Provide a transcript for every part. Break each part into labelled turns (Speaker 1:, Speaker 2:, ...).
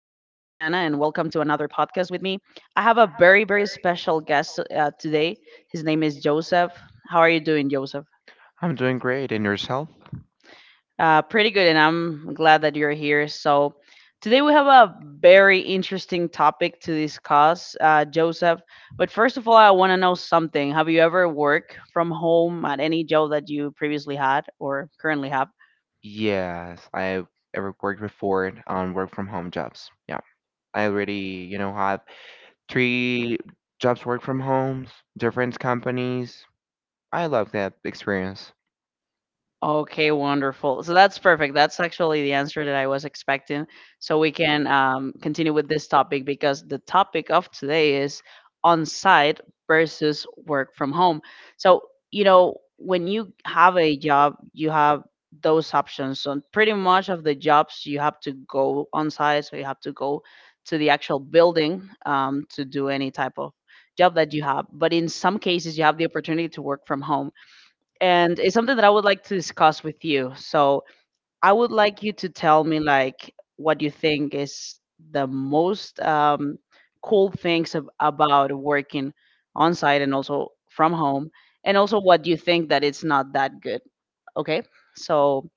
Speaker 1: to another podcast with me. I have a very, very special guest today. His name is Joseph. How are you doing, Joseph?
Speaker 2: I'm doing great. And yourself?
Speaker 1: Pretty good, and I'm glad that you're here. So, today we have a very interesting topic to discuss, Joseph. But first of all, I want to know something. Have you ever worked from home at any job that you previously had or currently have?
Speaker 2: Yes, I've ever worked before on work from home jobs. Yeah. I already, you know, have three jobs work from homes, different companies. I love that experience.
Speaker 1: Okay, wonderful. So that's perfect. That's actually the answer that I was expecting. So we can continue with this topic, because the topic of today is on site versus work from home. So, when you have a job, you have those options. So, pretty much of the jobs, you have to go on site. So, you have to go to the actual building to do any type of job that you have. But in some cases, you have the opportunity to work from home, and it's something that I would like to discuss with you. So I would like you to tell me like what you think is the most cool things about working on site and also from home, and also what you think that it's not that good. Okay, so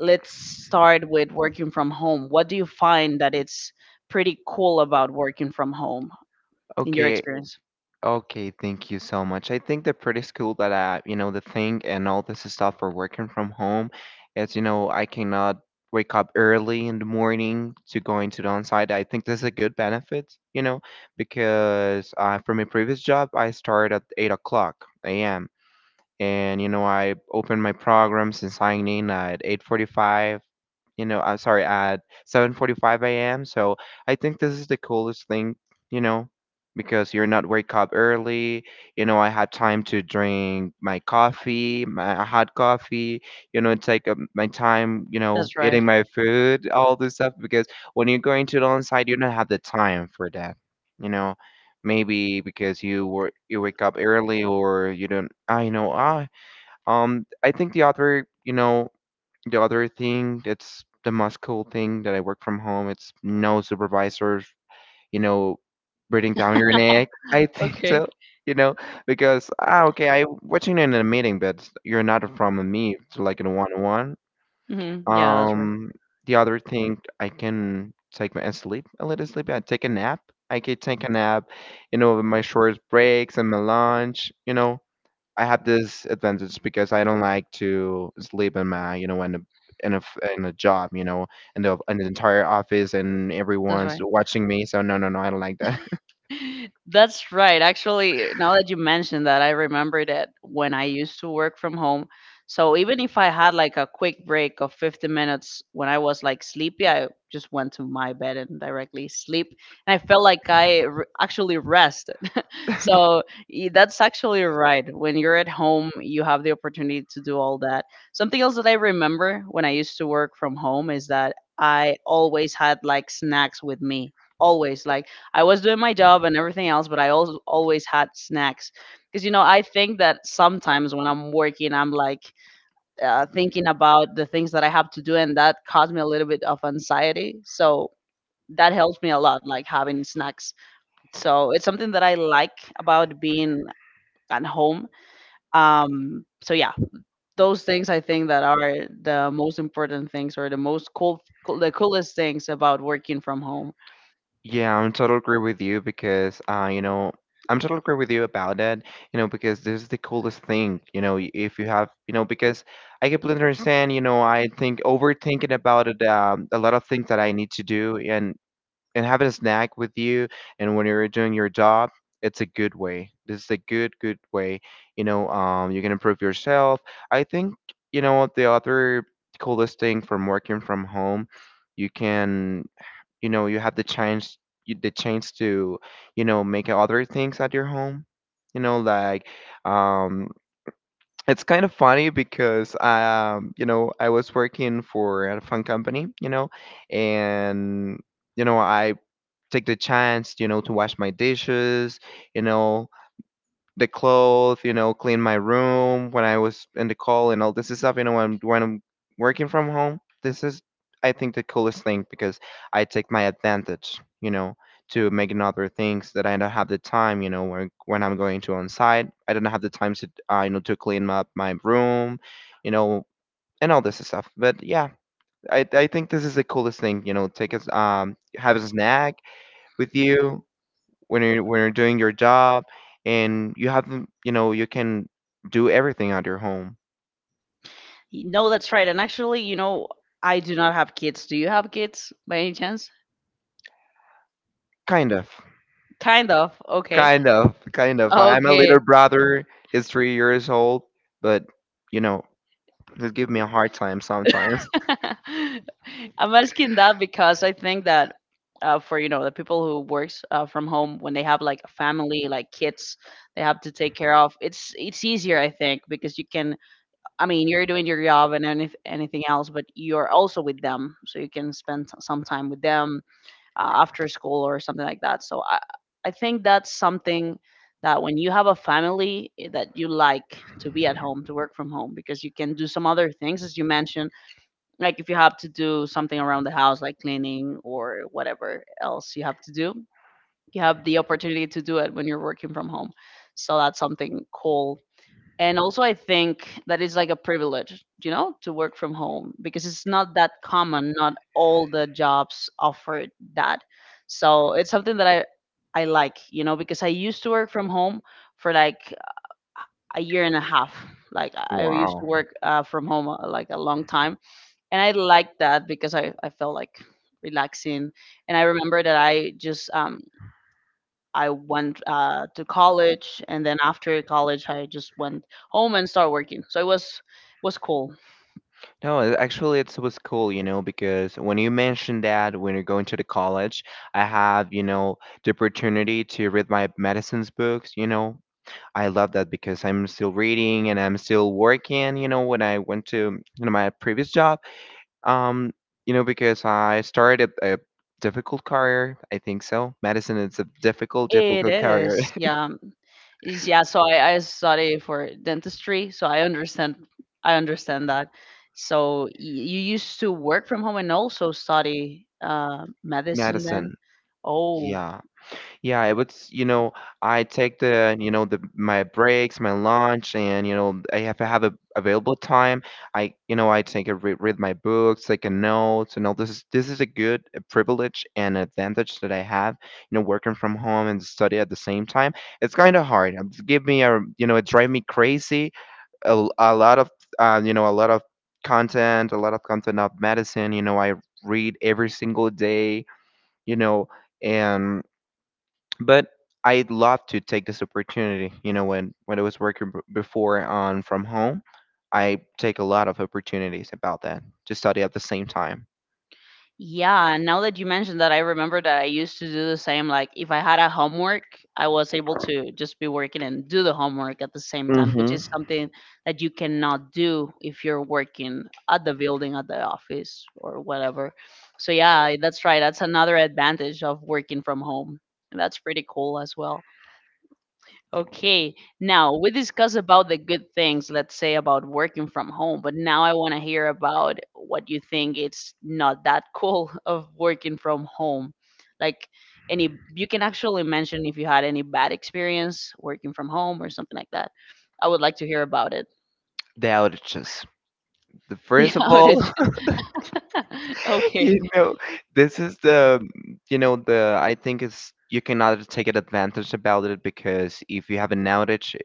Speaker 1: let's start with working from home. What do you find that it's pretty cool about working from home in your
Speaker 2: Okay,
Speaker 1: experience?
Speaker 2: Okay, thank you so much. I think the pretty cool that I, you know, the thing and all this stuff for working from home is, you know, I cannot wake up early in the morning to go into the on-site. I think this is a good benefit, you know, because from my previous job, I started at 8 o'clock a.m and you know I opened my program since signing at 8:45, you know, I'm sorry, at 7:45 a.m. So I think this is the coolest thing, you know, because you're not wake up early. You know, I had time to drink my coffee, my hot coffee, you know, take up my time, you know,
Speaker 1: That's right.
Speaker 2: eating my food, all this stuff because when you're going to the on-site, you don't have the time for that, you know, maybe because you were you wake up early or you don't. I know I think the other, you know, the other thing that's the most cool thing that I work from home. It's no supervisors, you know, breathing down your neck. I think
Speaker 1: Okay.
Speaker 2: so, you know, because ah, okay, I watching in a meeting, but you're not from me to like in a one-on-one.
Speaker 1: Hmm, yeah, that's right.
Speaker 2: Um, the other thing I can take my and sleep, a little sleep. I take a nap. I can take a nap, you know, with my short breaks and my lunch. You know, I had this advantage because I don't like to sleep in my, you know, in a in a job, you know, in the entire office and
Speaker 1: That's
Speaker 2: everyone's
Speaker 1: right.
Speaker 2: watching me. So no, no, no, I don't like that.
Speaker 1: That's right. Actually, now that you mentioned that, I remember that when I used to work from home. So even if I had like a quick break of 50 minutes when I was like sleepy, I just went to my bed and directly sleep. And I felt like I r actually rested. So that's actually right. When you're at home, you have the opportunity to do all that. Something else that I remember when I used to work from home is that I always had like snacks with me, always. Like I was doing my job and everything else, but I also always had snacks, because I think that sometimes when I'm working, I'm like thinking about the things that I have to do, and that caused me a little bit of anxiety. So that helps me a lot, like having snacks. So it's something that I like about being at home. So yeah, those things I think that are the most important things, or the most the coolest things about working from home.
Speaker 2: Yeah, I'm totally agree with you because you know, I'm totally agree with you about that, you know, because this is the coolest thing, you know, y- if you have, you know, because I completely understand, you know, I think overthinking about it, a lot of things that I need to do, and having a snack with you and when you're doing your job, it's a good way. This is a good way, you know. Um, you can improve yourself, I think. You know what, the other coolest thing from working from home, you can, you know, you have the chance, the chance to, you know, make other things at your home, you know, like, um, it's kind of funny because, um, you know, I was working for a fun company, you know, and you know I take the chance, you know, to wash my dishes, you know, the clothes, you know, clean my room when I was in the call and all this stuff, you know, when I'm working from home. This is, I think, the coolest thing because I take my advantage, you know, to making other things that I don't have the time, you know, when, I'm going to on site. I don't have the time to, you know, to clean up my room, you know, and all this stuff. But yeah, I think this is the coolest thing, you know, take us, have a snack with you when you're doing your job and you know you can do everything at your home.
Speaker 1: No, that's right. And actually, I do not have kids. Do you have kids by any chance?
Speaker 2: Kind of.
Speaker 1: Kind of. Okay.
Speaker 2: Kind of. I'm a
Speaker 1: Okay.
Speaker 2: little brother. He's 3 years old, but you know he give me a hard time sometimes.
Speaker 1: I'm asking that because I think that for the people who works from home, when they have like a family, like kids they have to take care of, it's easier, I think, because you can, I mean, you're doing your job and anything else, but you're also with them, so you can spend some time with them after school or something like that. So I think that's something that when you have a family, that you like to be at home, to work from home, because you can do some other things, as you mentioned, like if you have to do something around the house, like cleaning or whatever else you have to do, you have the opportunity to do it when you're working from home. So that's something cool. And also I think that is like a privilege, to work from home, because it's not that common. Not all the jobs offer that. So it's something that I like, because I used to work from home for like a year and a half. Like I used to
Speaker 2: Wow.
Speaker 1: work from home, like a long time. And I liked that, because I felt like relaxing. And I remember that I went to college, and then after college, I just went home and started working. So it was cool.
Speaker 2: No, actually it was cool, you know, because when you mentioned that, when you're going to the college, I have, you know, the opportunity to read my medicines books. You know, I love that because I'm still reading and I'm still working, you know, when I went to, you know, my previous job. Um, you know, because I started a difficult career, I think so. Medicine is a
Speaker 1: It
Speaker 2: difficult career.
Speaker 1: is, yeah. Yeah. So I study for dentistry, so I understand that. So you used to work from home and also study medicine then.
Speaker 2: Medicine.
Speaker 1: Oh.
Speaker 2: Yeah. Yeah, it was, you know, I take the, you know, the my breaks, my lunch, and you know, I have to have a available time. I, you know, I take a re read my books, take a notes, and all this is a good, a privilege and advantage that I have, you know, working from home and study at the same time. It's kind of hard. It give me a, you know, it drive me crazy. A, a lot of, you know, a lot of content, a lot of content of medicine. You know, I read every single day. You know, and but I'd love to take this opportunity. You know, when I was working before on from home, I take a lot of opportunities about that to study at the same time.
Speaker 1: Yeah, now that you mentioned that, I remember that I used to do the same. Like, if I had a homework, I was able to just be working and do the homework at the same time, which
Speaker 2: Mm-hmm.
Speaker 1: is something that you cannot do if you're working at the building, at the office, or whatever. So, yeah, that's right. That's another advantage of working from home. That's pretty cool as well. Okay, now we discussed about the good things, let's say, about working from home, but now I want to hear about what you think it's not that cool of working from home. Like you can actually mention if you had any bad experience working from home or something like that. I would like to hear about it.
Speaker 2: The outages. The
Speaker 1: The
Speaker 2: first of all,
Speaker 1: outage. Okay.
Speaker 2: you know, this is the, you know, the, I think it's, you cannot take an advantage about it because if you have an outage,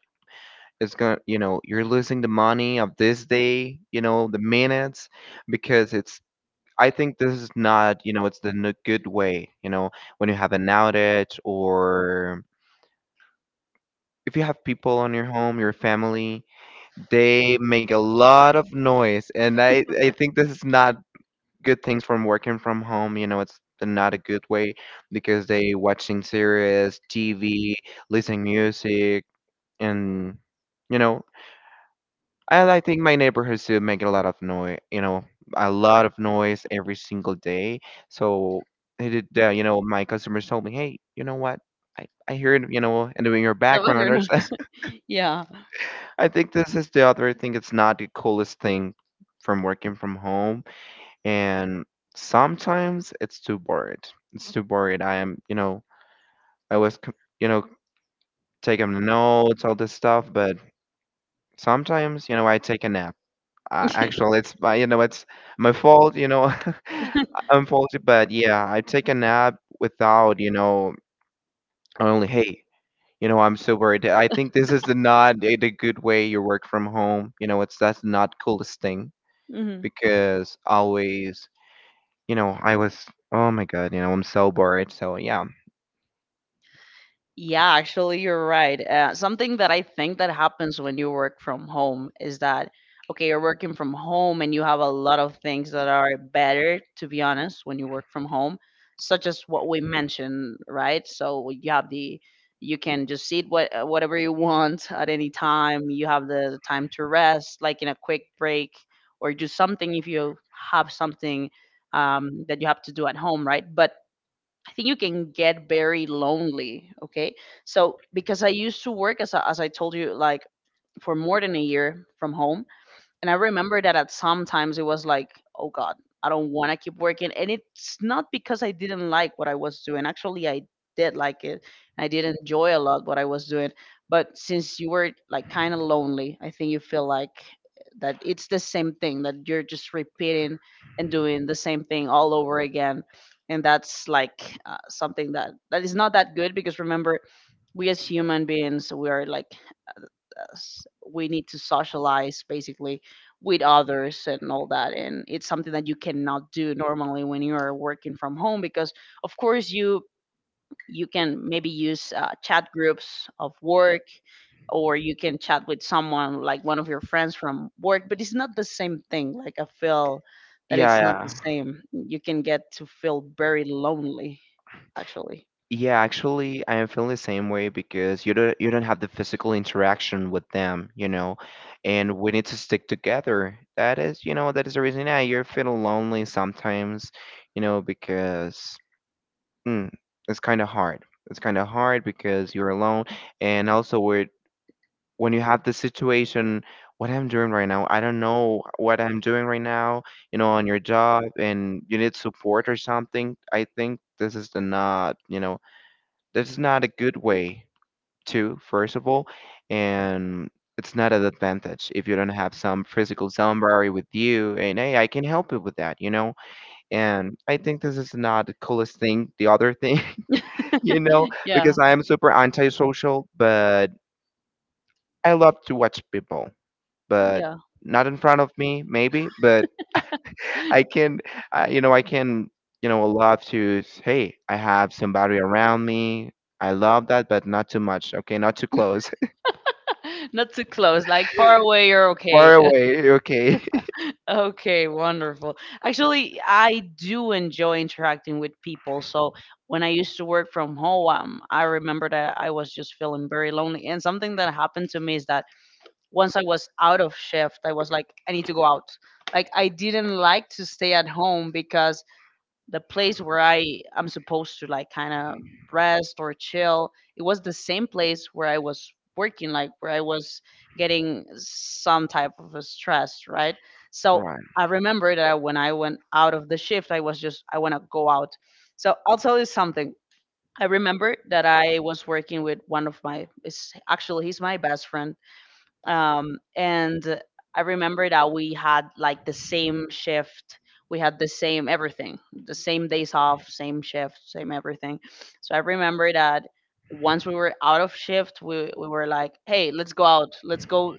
Speaker 2: it's going to, you know, you're losing the money of this day, you know, the minutes, because it's, I think this is not, you know, it's the n- good way, you know, when you have an outage, or if you have people on your home, your family, they make a lot of noise. And I think this is not good things from working from home, you know, it's not a good way because they watching series, TV, listening music, and, you know, and I think my neighborhood still make a lot of noise, you know, a lot of noise every single day. So it did, you know, my customers told me, hey, you know what? I hear it, you know, and doing your
Speaker 1: The background
Speaker 2: backgrounders.
Speaker 1: noise. Yeah.
Speaker 2: I think this is the other thing. It's not the coolest thing from working from home. And sometimes it's too bored. It's too bored. I am, you know, I was, you know, taking notes, all this stuff. But sometimes, you know, I take a nap. Uh, actually it's my, you know, it's my fault, you know. I'm faulty, but yeah, I take a nap without, you know, only hey, you know, I'm so worried. I think this is the not a, the good way you work from home, you know, it's, that's not coolest thing
Speaker 1: Mhm.
Speaker 2: because always, you know, I was, oh my god, you know, I'm so worried. So yeah.
Speaker 1: Yeah, actually, you're right. Something that I think that happens when you work from home is that, okay, you're working from home and you have a lot of things that are better, to be honest, when you work from home, such as what we mentioned, right? So you have you can just eat whatever you want at any time. You have the time to rest, like in a quick break, or do something if you have something that you have to do at home, right? But I think you can get very lonely. Okay. So because I used to work as I told you, like for more than a year from home, and I remember that at some times it was like, oh God, I don't want to keep working. And it's not because I didn't like what I was doing. Actually, I did like it. I did enjoy a lot what I was doing. But since you were like kind of lonely, I think you feel like that it's the same thing, that you're just repeating and doing the same thing all over again. And that's like something that is not that good, because remember, we as human beings, we are like we need to socialize basically with others and all that, and it's something that you cannot do normally when you are working from home, because of course you can maybe use chat groups of work, or you can chat with someone like one of your friends from work, but it's not the same thing. Like I feel that
Speaker 2: Yeah,
Speaker 1: it's not the
Speaker 2: yeah,
Speaker 1: same. You can get to feel very lonely actually.
Speaker 2: Yeah, actually, I am feeling the same way because you don't have the physical interaction with them, you know, and we need to stick together. That is, you know, that is the reason. Yeah, you're feeling lonely sometimes, you know, because mm, it's kind of hard. It's kind of hard because you're alone, and also with, when you have the situation, what I'm doing right now, I don't know what I'm doing right now, you know, on your job, and you need support or something. I think this is the not, you know, that's not a good way to, first of all, and it's not an advantage if you don't have some physical somebody with you and hey, I can help you with that, you know? And I think this is not the coolest thing, the other thing, you know,
Speaker 1: Yeah,
Speaker 2: because I am super antisocial, but I love to watch people, but
Speaker 1: yeah.
Speaker 2: not in front of me, maybe, but I can, I, you know, I can, you know, love to, s- hey, I have somebody around me. I love that, but not too much. Okay, not too close.
Speaker 1: Not too close, like far away, you're okay.
Speaker 2: Far away. Okay.
Speaker 1: Okay, wonderful. Actually, I do enjoy interacting with people. So when I used to work from home, I remember that I was just feeling very lonely. And something that happened to me is that once I was out of shift, I was like, I need to go out. Like I didn't like to stay at home because the place where I'm supposed to like kind of rest or chill. It was the same place where I was working, like where I was getting some type of a stress, right? So
Speaker 2: Right.
Speaker 1: I remember that when I went out of the shift, I was just I want to go out. So I'll tell you something. I remember that I was working with one of my. It's actually he's my best friend, and I remember that we had like the same shift. We had the same everything, the same days off, same shift, same everything. So I remember that once we were out of shift, we were like, hey, let's go out. Let's go.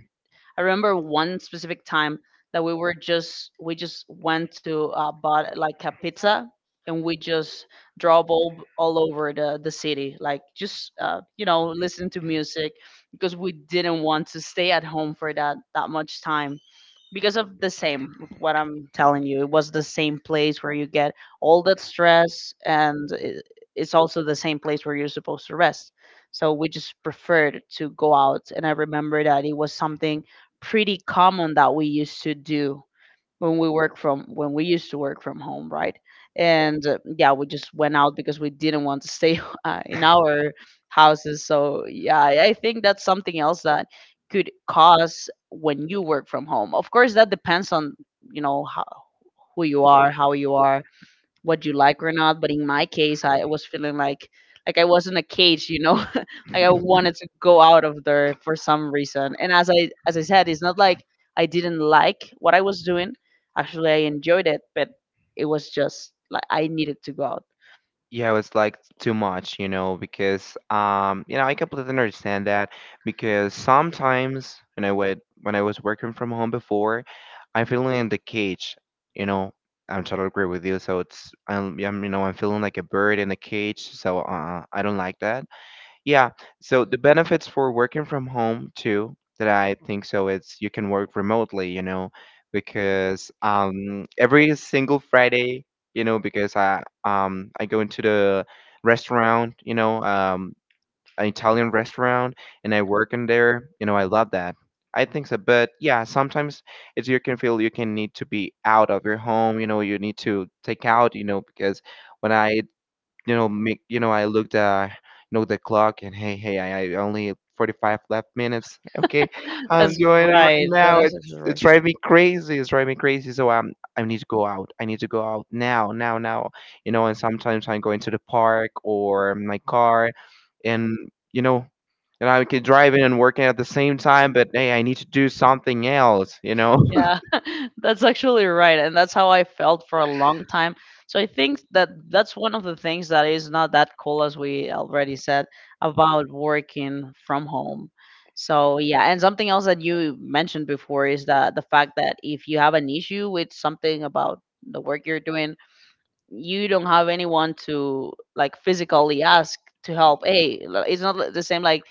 Speaker 1: I remember one specific time that we just went to bought like a pizza and we just drove all over the city, like just listen to music because we didn't want to stay at home for that much time because of the same. What I'm telling you, it was the same place where you get all that stress and it's also the same place where you're supposed to rest. So we just preferred to go out, and I remember that it was something pretty common that we used to do when we work from when we used to work from home, right? And yeah, we just went out because we didn't want to stay in our houses. So yeah, I think that's something else that could cause when you work from home. Of course that depends on, you know, who you are, how you are, what you like or not. But in my case, I was feeling like I was in a cage, you know, like I wanted to go out of there for some reason. And as I said, it's not like I didn't like what I was doing. Actually, I enjoyed it, but it was just like I needed to go out.
Speaker 2: Yeah, it's like too much, you know, because you know, I completely understand that because sometimes, you know, when I would when I was working from home before, I'm feeling in the cage, you know. I'm totally agree with you. So it's, I'm, you know, I'm feeling like a bird in a cage. So I don't like that. Yeah. So the benefits for working from home too, that I think so, it's you can work remotely, you know, because every single Friday, you know, because I go into the restaurant, you know, um, an Italian restaurant, and I work in there, you know, I love that. I think so, but yeah, sometimes it's, you can feel, you can need to be out of your home, you know, you need to take out, you know, because when I, you know, make, you know, I looked uh, you know, the clock and hey, hey, I only 45 left minutes. Okay, I'm
Speaker 1: That's
Speaker 2: going in right
Speaker 1: right.
Speaker 2: now.
Speaker 1: That's
Speaker 2: It's
Speaker 1: actually
Speaker 2: it's
Speaker 1: right.
Speaker 2: driving me crazy. It's driving me crazy. So I need to go out. I need to go out now, now, now. And sometimes I'm going to the park or my car, and you know, and I can drive in and working at the same time. But hey, I need to do something else. You know.
Speaker 1: Yeah, that's actually right. And that's how I felt for a long time. So I think that that's one of the things that is not that cool, as we already said, about working from home. So yeah, and something else that you mentioned before is that the fact that if you have an issue with something about the work you're doing, you don't have anyone to like physically ask to help. Hey, it's not the same like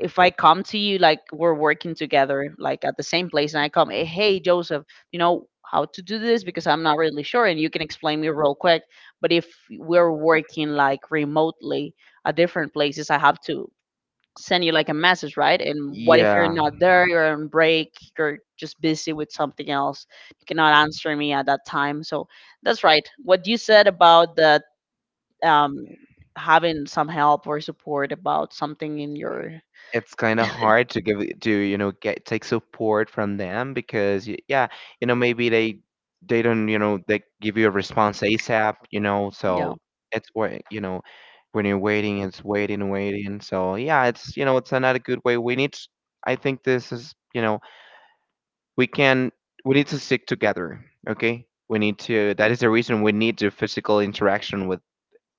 Speaker 1: if I come to you, like we're working together like at the same place, and I come, "Eh, hey, Joseph, you know how to do this? Because I'm not really sure and you can explain me real quick." But if we're working like remotely at different places, I have to send you like a message, right? And what if you're
Speaker 2: Yeah.
Speaker 1: not there, you're on break, you're just busy with something else, you cannot answer me at that time. So that's right. What you said about that, um, having some help or support about something in your,
Speaker 2: It's kind of hard to to get take support from them, because yeah, maybe they don't they give you a response asap
Speaker 1: yeah.
Speaker 2: so it's where, you know, when you're waiting, it's waiting, waiting. So yeah, it's you know it's another good way. I think this is, we can we need to stick together. Okay, we need to that is the reason we need the physical interaction with,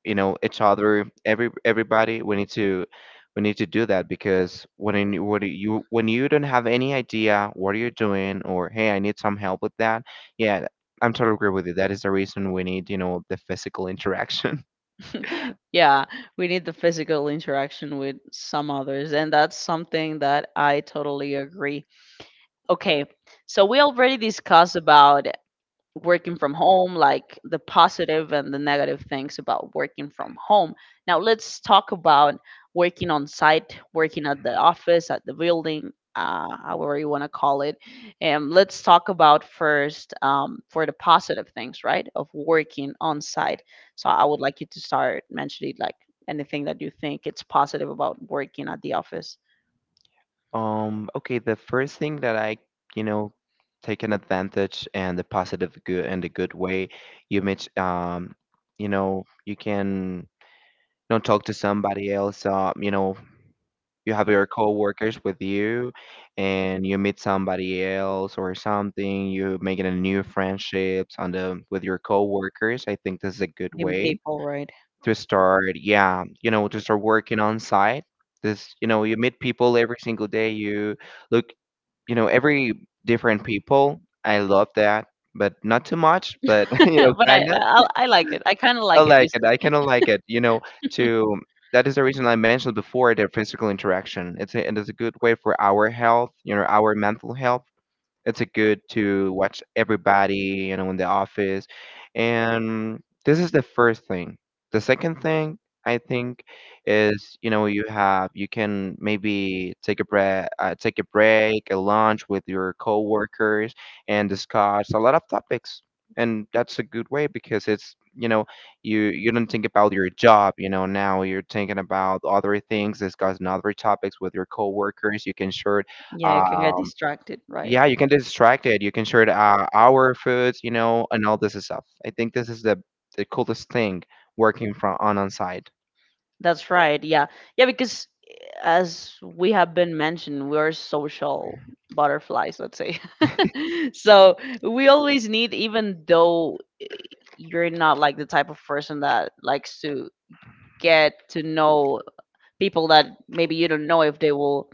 Speaker 2: each other, everybody. We need to do that, because when what do you when you don't have any idea what you're doing, or hey, I need some help with that. Yeah, I'm totally agree with you. That is the reason we need, the physical interaction.
Speaker 1: Yeah, we need the physical interaction with some others, and that's something that I totally agree. Okay, so we already discussed about working from home, like the positive and the negative things about working from home. Now, let's talk about working on site, working at the office, at the building, however you want to call it. And let's talk about first, for the positive things, right, of working on site. So, I would like you to start mentioning like anything that you think it's positive about working at the office.
Speaker 2: Okay, the first thing that I, you know take an advantage, and the positive good and the good way: you meet, you can, talk to somebody else, you have your coworkers with you, and you meet somebody else, or something. You making a new friendships on the with your coworkers. I think this is a good
Speaker 1: Meeting
Speaker 2: way
Speaker 1: people, right?
Speaker 2: to start. Yeah, to start working on site. This, you meet people every single day. You look, every different people. I love that, but not too much, but
Speaker 1: But
Speaker 2: kind of.
Speaker 1: I like it. I kind of
Speaker 2: I
Speaker 1: like it. You.
Speaker 2: like it. I kind of like it. To that is the reason I mentioned before the physical interaction. It is a good way for our health, our mental health. It's a good to watch everybody, in the office. And this is the first thing. The second thing, I think, is, you can maybe take a break, a lunch with your coworkers, and discuss a lot of topics. And that's a good way, because it's, you don't think about your job. Now you're thinking about other things, discussing other topics with your coworkers. You can share.
Speaker 1: Yeah, you can get
Speaker 2: um,
Speaker 1: distracted, right?
Speaker 2: yeah, you can distract it. You can share the, our foods, and all this stuff. I think this is the coolest thing working from on site.
Speaker 1: That's right. Yeah. Yeah, because as we have been mentioned, we are social butterflies, let's say. So we always need, even though you're not like the type of person that likes to get to know people that maybe you don't know if they will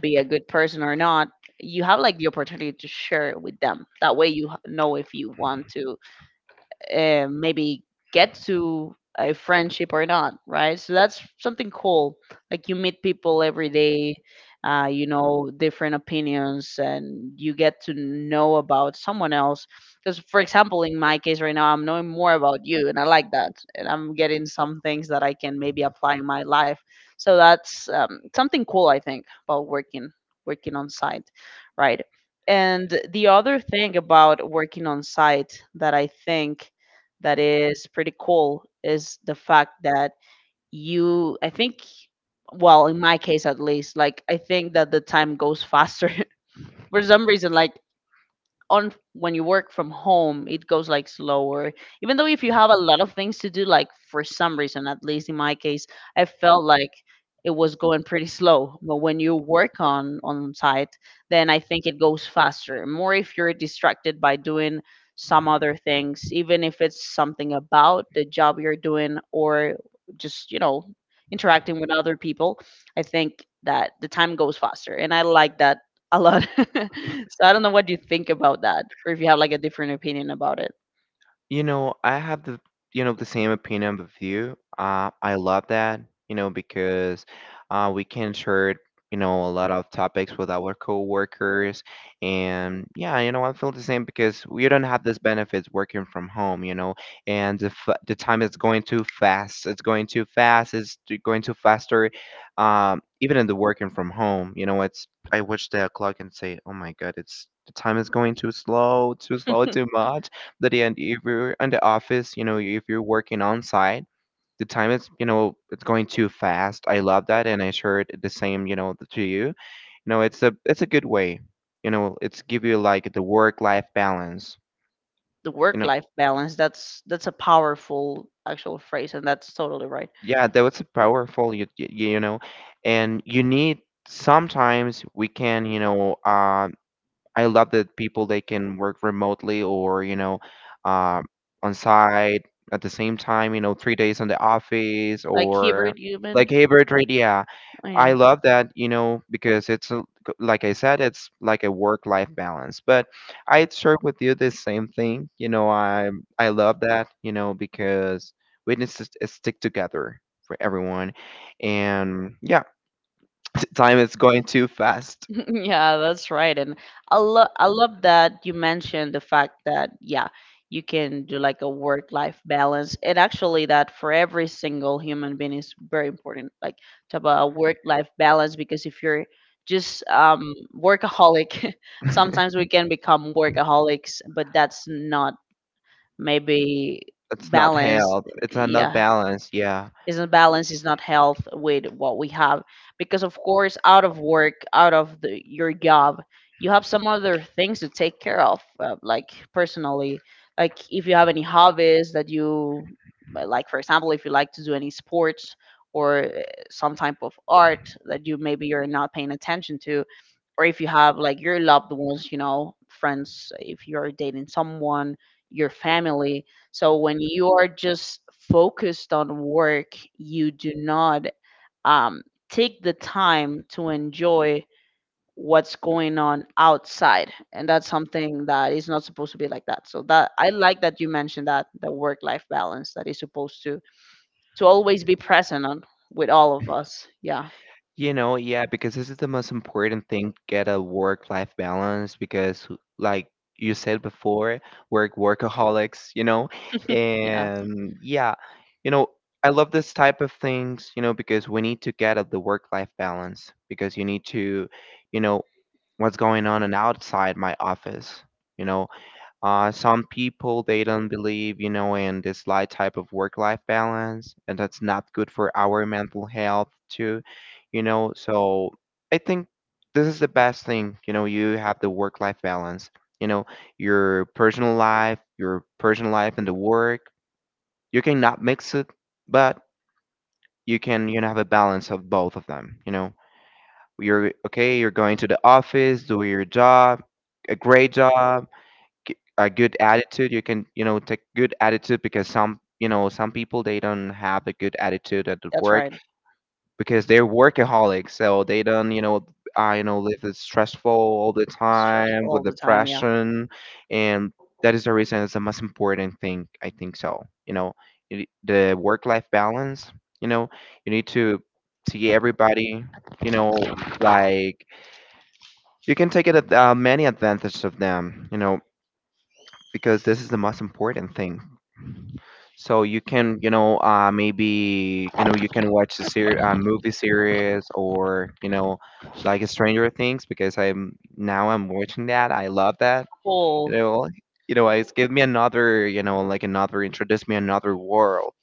Speaker 1: be a good person or not, you have like the opportunity to share with them. That way you know if you want to maybe get to a friendship or not, right? So that's something cool. Like you meet people every day, you know, different opinions, and you get to know about someone else. Because, for example, in my case right now, I'm knowing more about you, and I like that. And I'm getting some things that I can maybe apply in my life. So that's something cool, I think, about working on site, right? And the other thing about working on site that I think that is pretty cool is the fact that you I think well, in my case at least, like I think that the time goes faster for some reason. Like on when you work from home, it goes like slower, even though if you have a lot of things to do. Like for some reason, at least in my case, I felt like it was going pretty slow, but when you work on site, then I think it goes faster, more if you're distracted by doing some other things, even if it's something about the job you're doing or just, you know, interacting with other people. I think that the time goes faster and I like that a lot. So I don't know what you think about that, or if you have like a different opinion about it.
Speaker 2: I have the, the same opinion with you. I love that, because we can share, a lot of topics with our coworkers. And yeah, I feel the same, because we don't have this benefits working from home, and the time is going too fast. It's going too fast. It's going too faster. Even in the working from home, it's I watch the clock and say, oh my God, it's the time is going too slow, too slow, too much. That the end, if you're in the office, if you're working on site, the time is, it's going too fast. I love that, and I shared the same, to you. You know It's a good way. It's give you like the work life balance.
Speaker 1: The
Speaker 2: you know
Speaker 1: work-life balance, that's a powerful actual phrase, and that's totally right.
Speaker 2: yeah, that was powerful. And you need, sometimes we can, I love that people they can work remotely, or uh, on site at the same time. 3 days on the office,
Speaker 1: Like
Speaker 2: or
Speaker 1: hybrid, you mean?
Speaker 2: like hybrid trade. Yeah,
Speaker 1: Oh
Speaker 2: I
Speaker 1: yeah.
Speaker 2: love that. Because like I said, it's like a work-life balance. But I share with you the same thing. I love that. Because we need to stick together for everyone. And yeah, time is going too fast.
Speaker 1: Yeah, that's right. And I love that you mentioned the fact that yeah, you can do like a work life balance. And actually that for every single human being is very important, like to have a work life balance, because if you're just workaholic, sometimes we can become workaholics, but that's not maybe
Speaker 2: It's not
Speaker 1: balanced.
Speaker 2: health. It's a not
Speaker 1: Yeah,
Speaker 2: balance. Yeah.
Speaker 1: is not balance, is not health with what we have, because of course out of work, out of the, your job, you have some other things to take care of, like personally, like if you have any hobbies that you, like for example, if you like to do any sports or some type of art that you maybe you're not paying attention to, or if you have like your loved ones, you know, friends, if you're dating someone, your family. So when you are just focused on work, you do not, um, take the time to enjoy what's going on outside. And that's something that is not supposed to be like that. So that I like that you mentioned that, the work life balance that is supposed to always be present on with all of us, yeah.
Speaker 2: Yeah, because this is the most important thing, get a work-life balance. Because like you said before, workaholics, you know.
Speaker 1: Yeah,
Speaker 2: And yeah, you know, I love this type of things, because we need to get at the work-life balance, because you need to, you know, what's going on and outside my office. You know, some people they don't believe, in this light type of work-life balance, and that's not good for our mental health too. So I think this is the best thing, you know. You have the work-life balance, you know, your personal life and the work. You cannot mix it, but you can, have a balance of both of them, you know. You're okay. You're going to the office, do your job, a great job, a good attitude. You can, take good attitude, because some you know some people they don't have a good attitude at the
Speaker 1: that's
Speaker 2: work,
Speaker 1: right.
Speaker 2: because they're workaholics, so they don't, live as stressful all the
Speaker 1: It's stressful
Speaker 2: time with
Speaker 1: all the time, yeah.
Speaker 2: depression. And that is the reason, it's the most important thing, I think. The work life balance, you know you need to see everybody, you know like you can take it at, many advantages of them, you know, because this is the most important thing. So you can, maybe you can watch a movie series, or like Stranger Things, because I'm now I'm watching that. I love that. You
Speaker 1: Cool.
Speaker 2: know, it's give me another, like another, introduce me another world.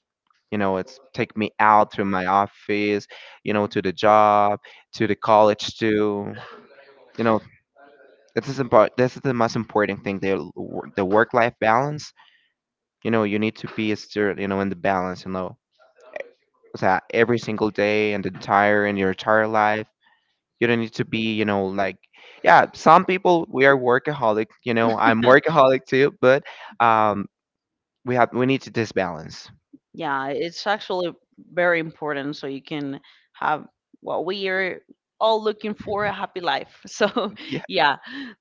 Speaker 2: It's take me out to my office, to the job, to the college too. You know, this is important. This is the most important thing. The work life balance, you need to be still, in the balance, so that every single day, and the entire in your entire life, you don't need to be, like, yeah, some people we are workaholic, I'm workaholic too, but um we need to this balance.
Speaker 1: Yeah, it's actually very important so you can have what we are all looking for, a happy life. So,
Speaker 2: Yeah,
Speaker 1: yeah,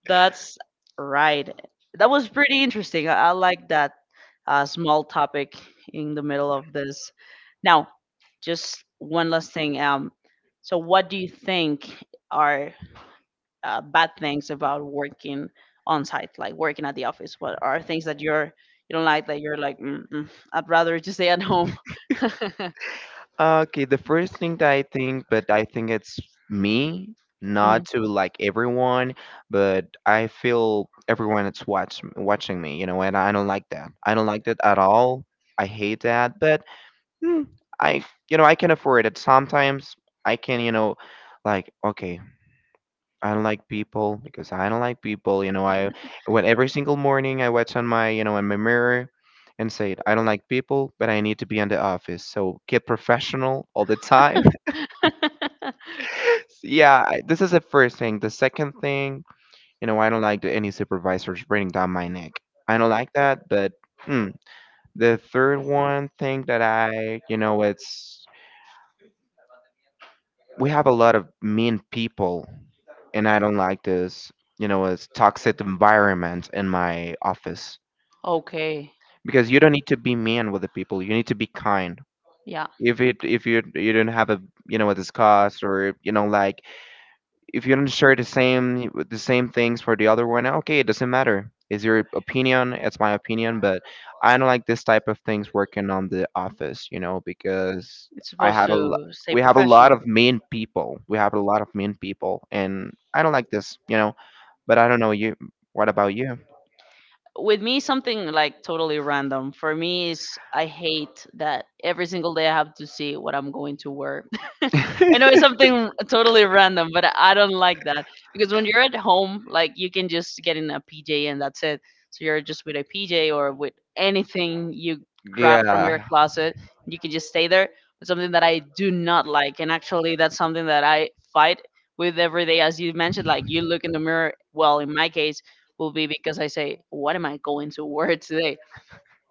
Speaker 1: that's right. That was pretty interesting. I like that small topic in the middle of this. Now, just one last thing. So, what do you think are bad things about working on site, like working at the office? What are things that you're, you don't like, that you're like, mm, mm, I'd rather just stay at home.
Speaker 2: okay, the first thing that I think, but I think it's me, not
Speaker 1: Mhm.
Speaker 2: to like everyone, but I feel everyone that's watching me, and I don't like that, I don't like that at all. I hate that, but Hmm, I you know I can afford it. Sometimes I can, like, okay, I don't like people because I don't like people. I When every single morning I watch on my, in my mirror, and say I don't like people, but I need to be in the office. So get professional all the time. So, yeah, this is the first thing. The second thing, I don't like any supervisors bringing down my neck. I don't like that, but. Hmm. The third one thing that I, you know, it's we have a lot of mean people, and I don't like this, it's toxic environment in my office,
Speaker 1: Okay,
Speaker 2: because you don't need to be mean with the people. You need to be kind.
Speaker 1: yeah,
Speaker 2: If you don't have a, a discuss, or like, if you don't share the same things for the other one, okay, it doesn't matter. It's your opinion, it's my opinion, but I don't like this type of things working on the office, because
Speaker 1: it's
Speaker 2: I
Speaker 1: supposed
Speaker 2: had a,
Speaker 1: to stay
Speaker 2: we have a lot
Speaker 1: professional.
Speaker 2: of mean people. We have a lot of mean people, and I don't like this. But I don't know you. What about you?
Speaker 1: With me, something like totally random for me is I hate that every single day I have to see what I'm going to wear. I know it's something totally random, but I don't like that, because when you're at home, like you can just get in a PJ and that's it. So you're just with a PJ or with anything you grab from your
Speaker 2: Yeah,
Speaker 1: closet, you can just stay there. It's something that I do not like, and actually that's something that I fight with every day. As you mentioned, like you look in the mirror, well, in my case, will be because I say, what am I going to wear today?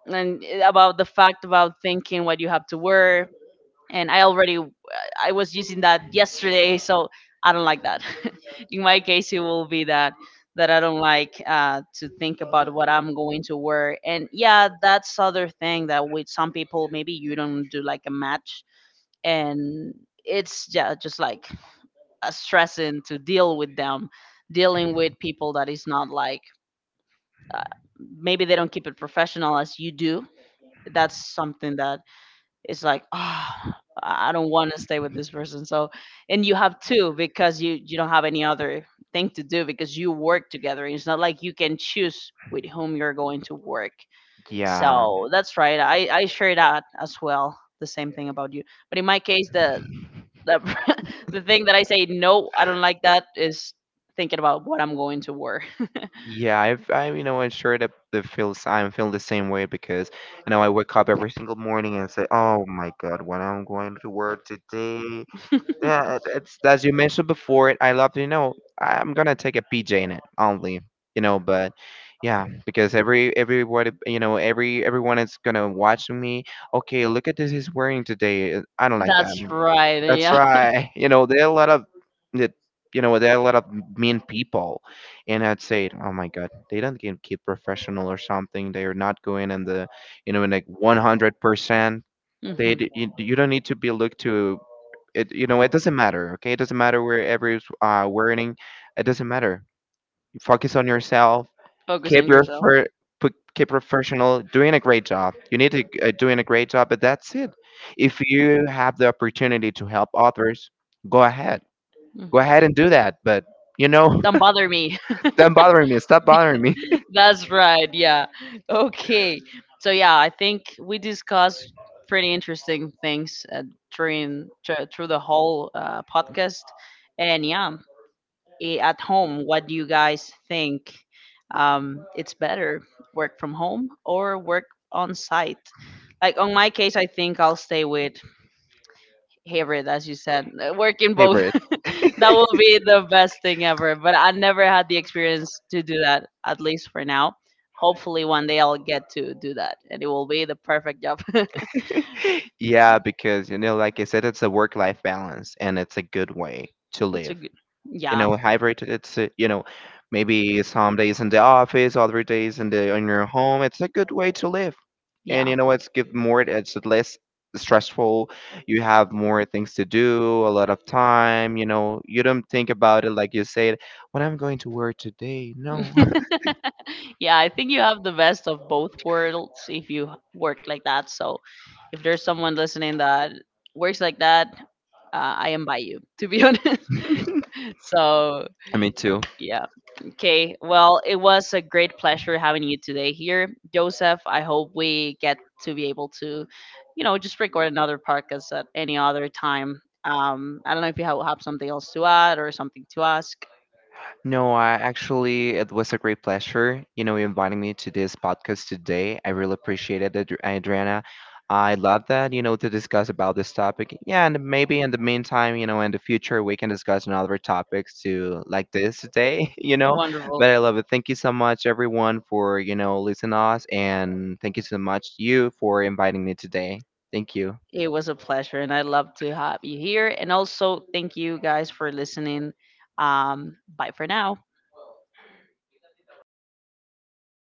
Speaker 1: And eh, about the fact about thinking what you have to wear. And I already, I was using that yesterday, so I don't like that. In my case, it will be that I don't like, to think about what I'm going to wear. And yeah, that's other thing, that with some people maybe you don't do like a match, and it's, yeah, just like a stressing to deal with them, dealing with people that is not like, uh, maybe they don't keep it professional as you do. That's something that is like ah, I don't want to stay with this person. So, and you have two, because you don't have any other thing to do, because you work together. It's not like you can choose with whom you're going to work.
Speaker 2: yeah,
Speaker 1: So that's right, I I share that as well, the same thing about you. But in my case, the, the thing that I say no I don't like that is thinking about what I'm going to wear.
Speaker 2: yeah. I'm sure that the feels I'm feeling the same way, because I wake up every single morning and say, oh my god, what I'm going to work today. Yeah, it's as you mentioned before. It I love you know. I'm gonna take a PJ in it only. But yeah, because everybody, everyone is gonna watch me. Okay, look at this, he's wearing today. I don't like that.
Speaker 1: That's right,
Speaker 2: That's
Speaker 1: yeah.
Speaker 2: right. There are a lot of the- you know there are a lot of mean people, and I'd say, oh my god, they don't get keep professional or something. They are not going in the you know in like 100%. They
Speaker 1: Mhm.
Speaker 2: d- you, you don't need to be looked to it. It doesn't matter, okay, it doesn't matter where every wearing. It doesn't matter. Focus on yourself.
Speaker 1: Focus
Speaker 2: Keep
Speaker 1: on
Speaker 2: your
Speaker 1: your salary.
Speaker 2: fir- put, Keep professional, doing a great job. You need to, doing a great job, but that's it. If you have the opportunity to help others, go ahead,
Speaker 1: Mm.
Speaker 2: go ahead and do that. But you know
Speaker 1: Don't bother me.
Speaker 2: don't bother me, stop bothering me.
Speaker 1: That's right. Yeah. Okay. So yeah, I think we discussed pretty interesting things, during through the whole podcast. And yeah, eh, at home, what do you guys think? It's better work from home or work on site? Like on my case, I think I'll stay with hybrid, as you said, work in both.
Speaker 2: Favorite.
Speaker 1: That will be the best thing ever. But I never had the experience to do that, at least for now. Hopefully, one day I'll get to do that, and it will be the perfect job.
Speaker 2: Yeah, because like I said, it's a work life balance, and it's a good way to
Speaker 1: It's a
Speaker 2: live.
Speaker 1: good,
Speaker 2: you
Speaker 1: yeah,
Speaker 2: know hybrid it's you know maybe some days in the office, other days in the in your home. It's a good way to live. And
Speaker 1: yeah.
Speaker 2: it's give more, it's less stressful. You have more things to do, a lot of time. You don't think about it, like you said, what I'm going to wear today. No.
Speaker 1: Yeah, I think you have the best of both worlds if you work like that. So, if there's someone listening that works like that, I invite you, to be honest. So,
Speaker 2: Me too.
Speaker 1: yeah. Okay, well, it was a great pleasure having you today here, Joseph. I hope we get to be able to, you know, just record another podcast at any other time. I don't know if you have something else to add or something to ask.
Speaker 2: No, I actually, it was a great pleasure, inviting me to this podcast today. I really appreciate it, Adriana. I love that, to discuss about this topic. Yeah, and maybe in the meantime, in the future, we can discuss another topics to like this today,
Speaker 1: Wonderful.
Speaker 2: But I love it. Thank you so much, everyone, for, listening to us. And thank you so much, you, for inviting me today. Thank you.
Speaker 1: It was a pleasure, and I love to have you here. And also, thank you guys for listening. Bye for now.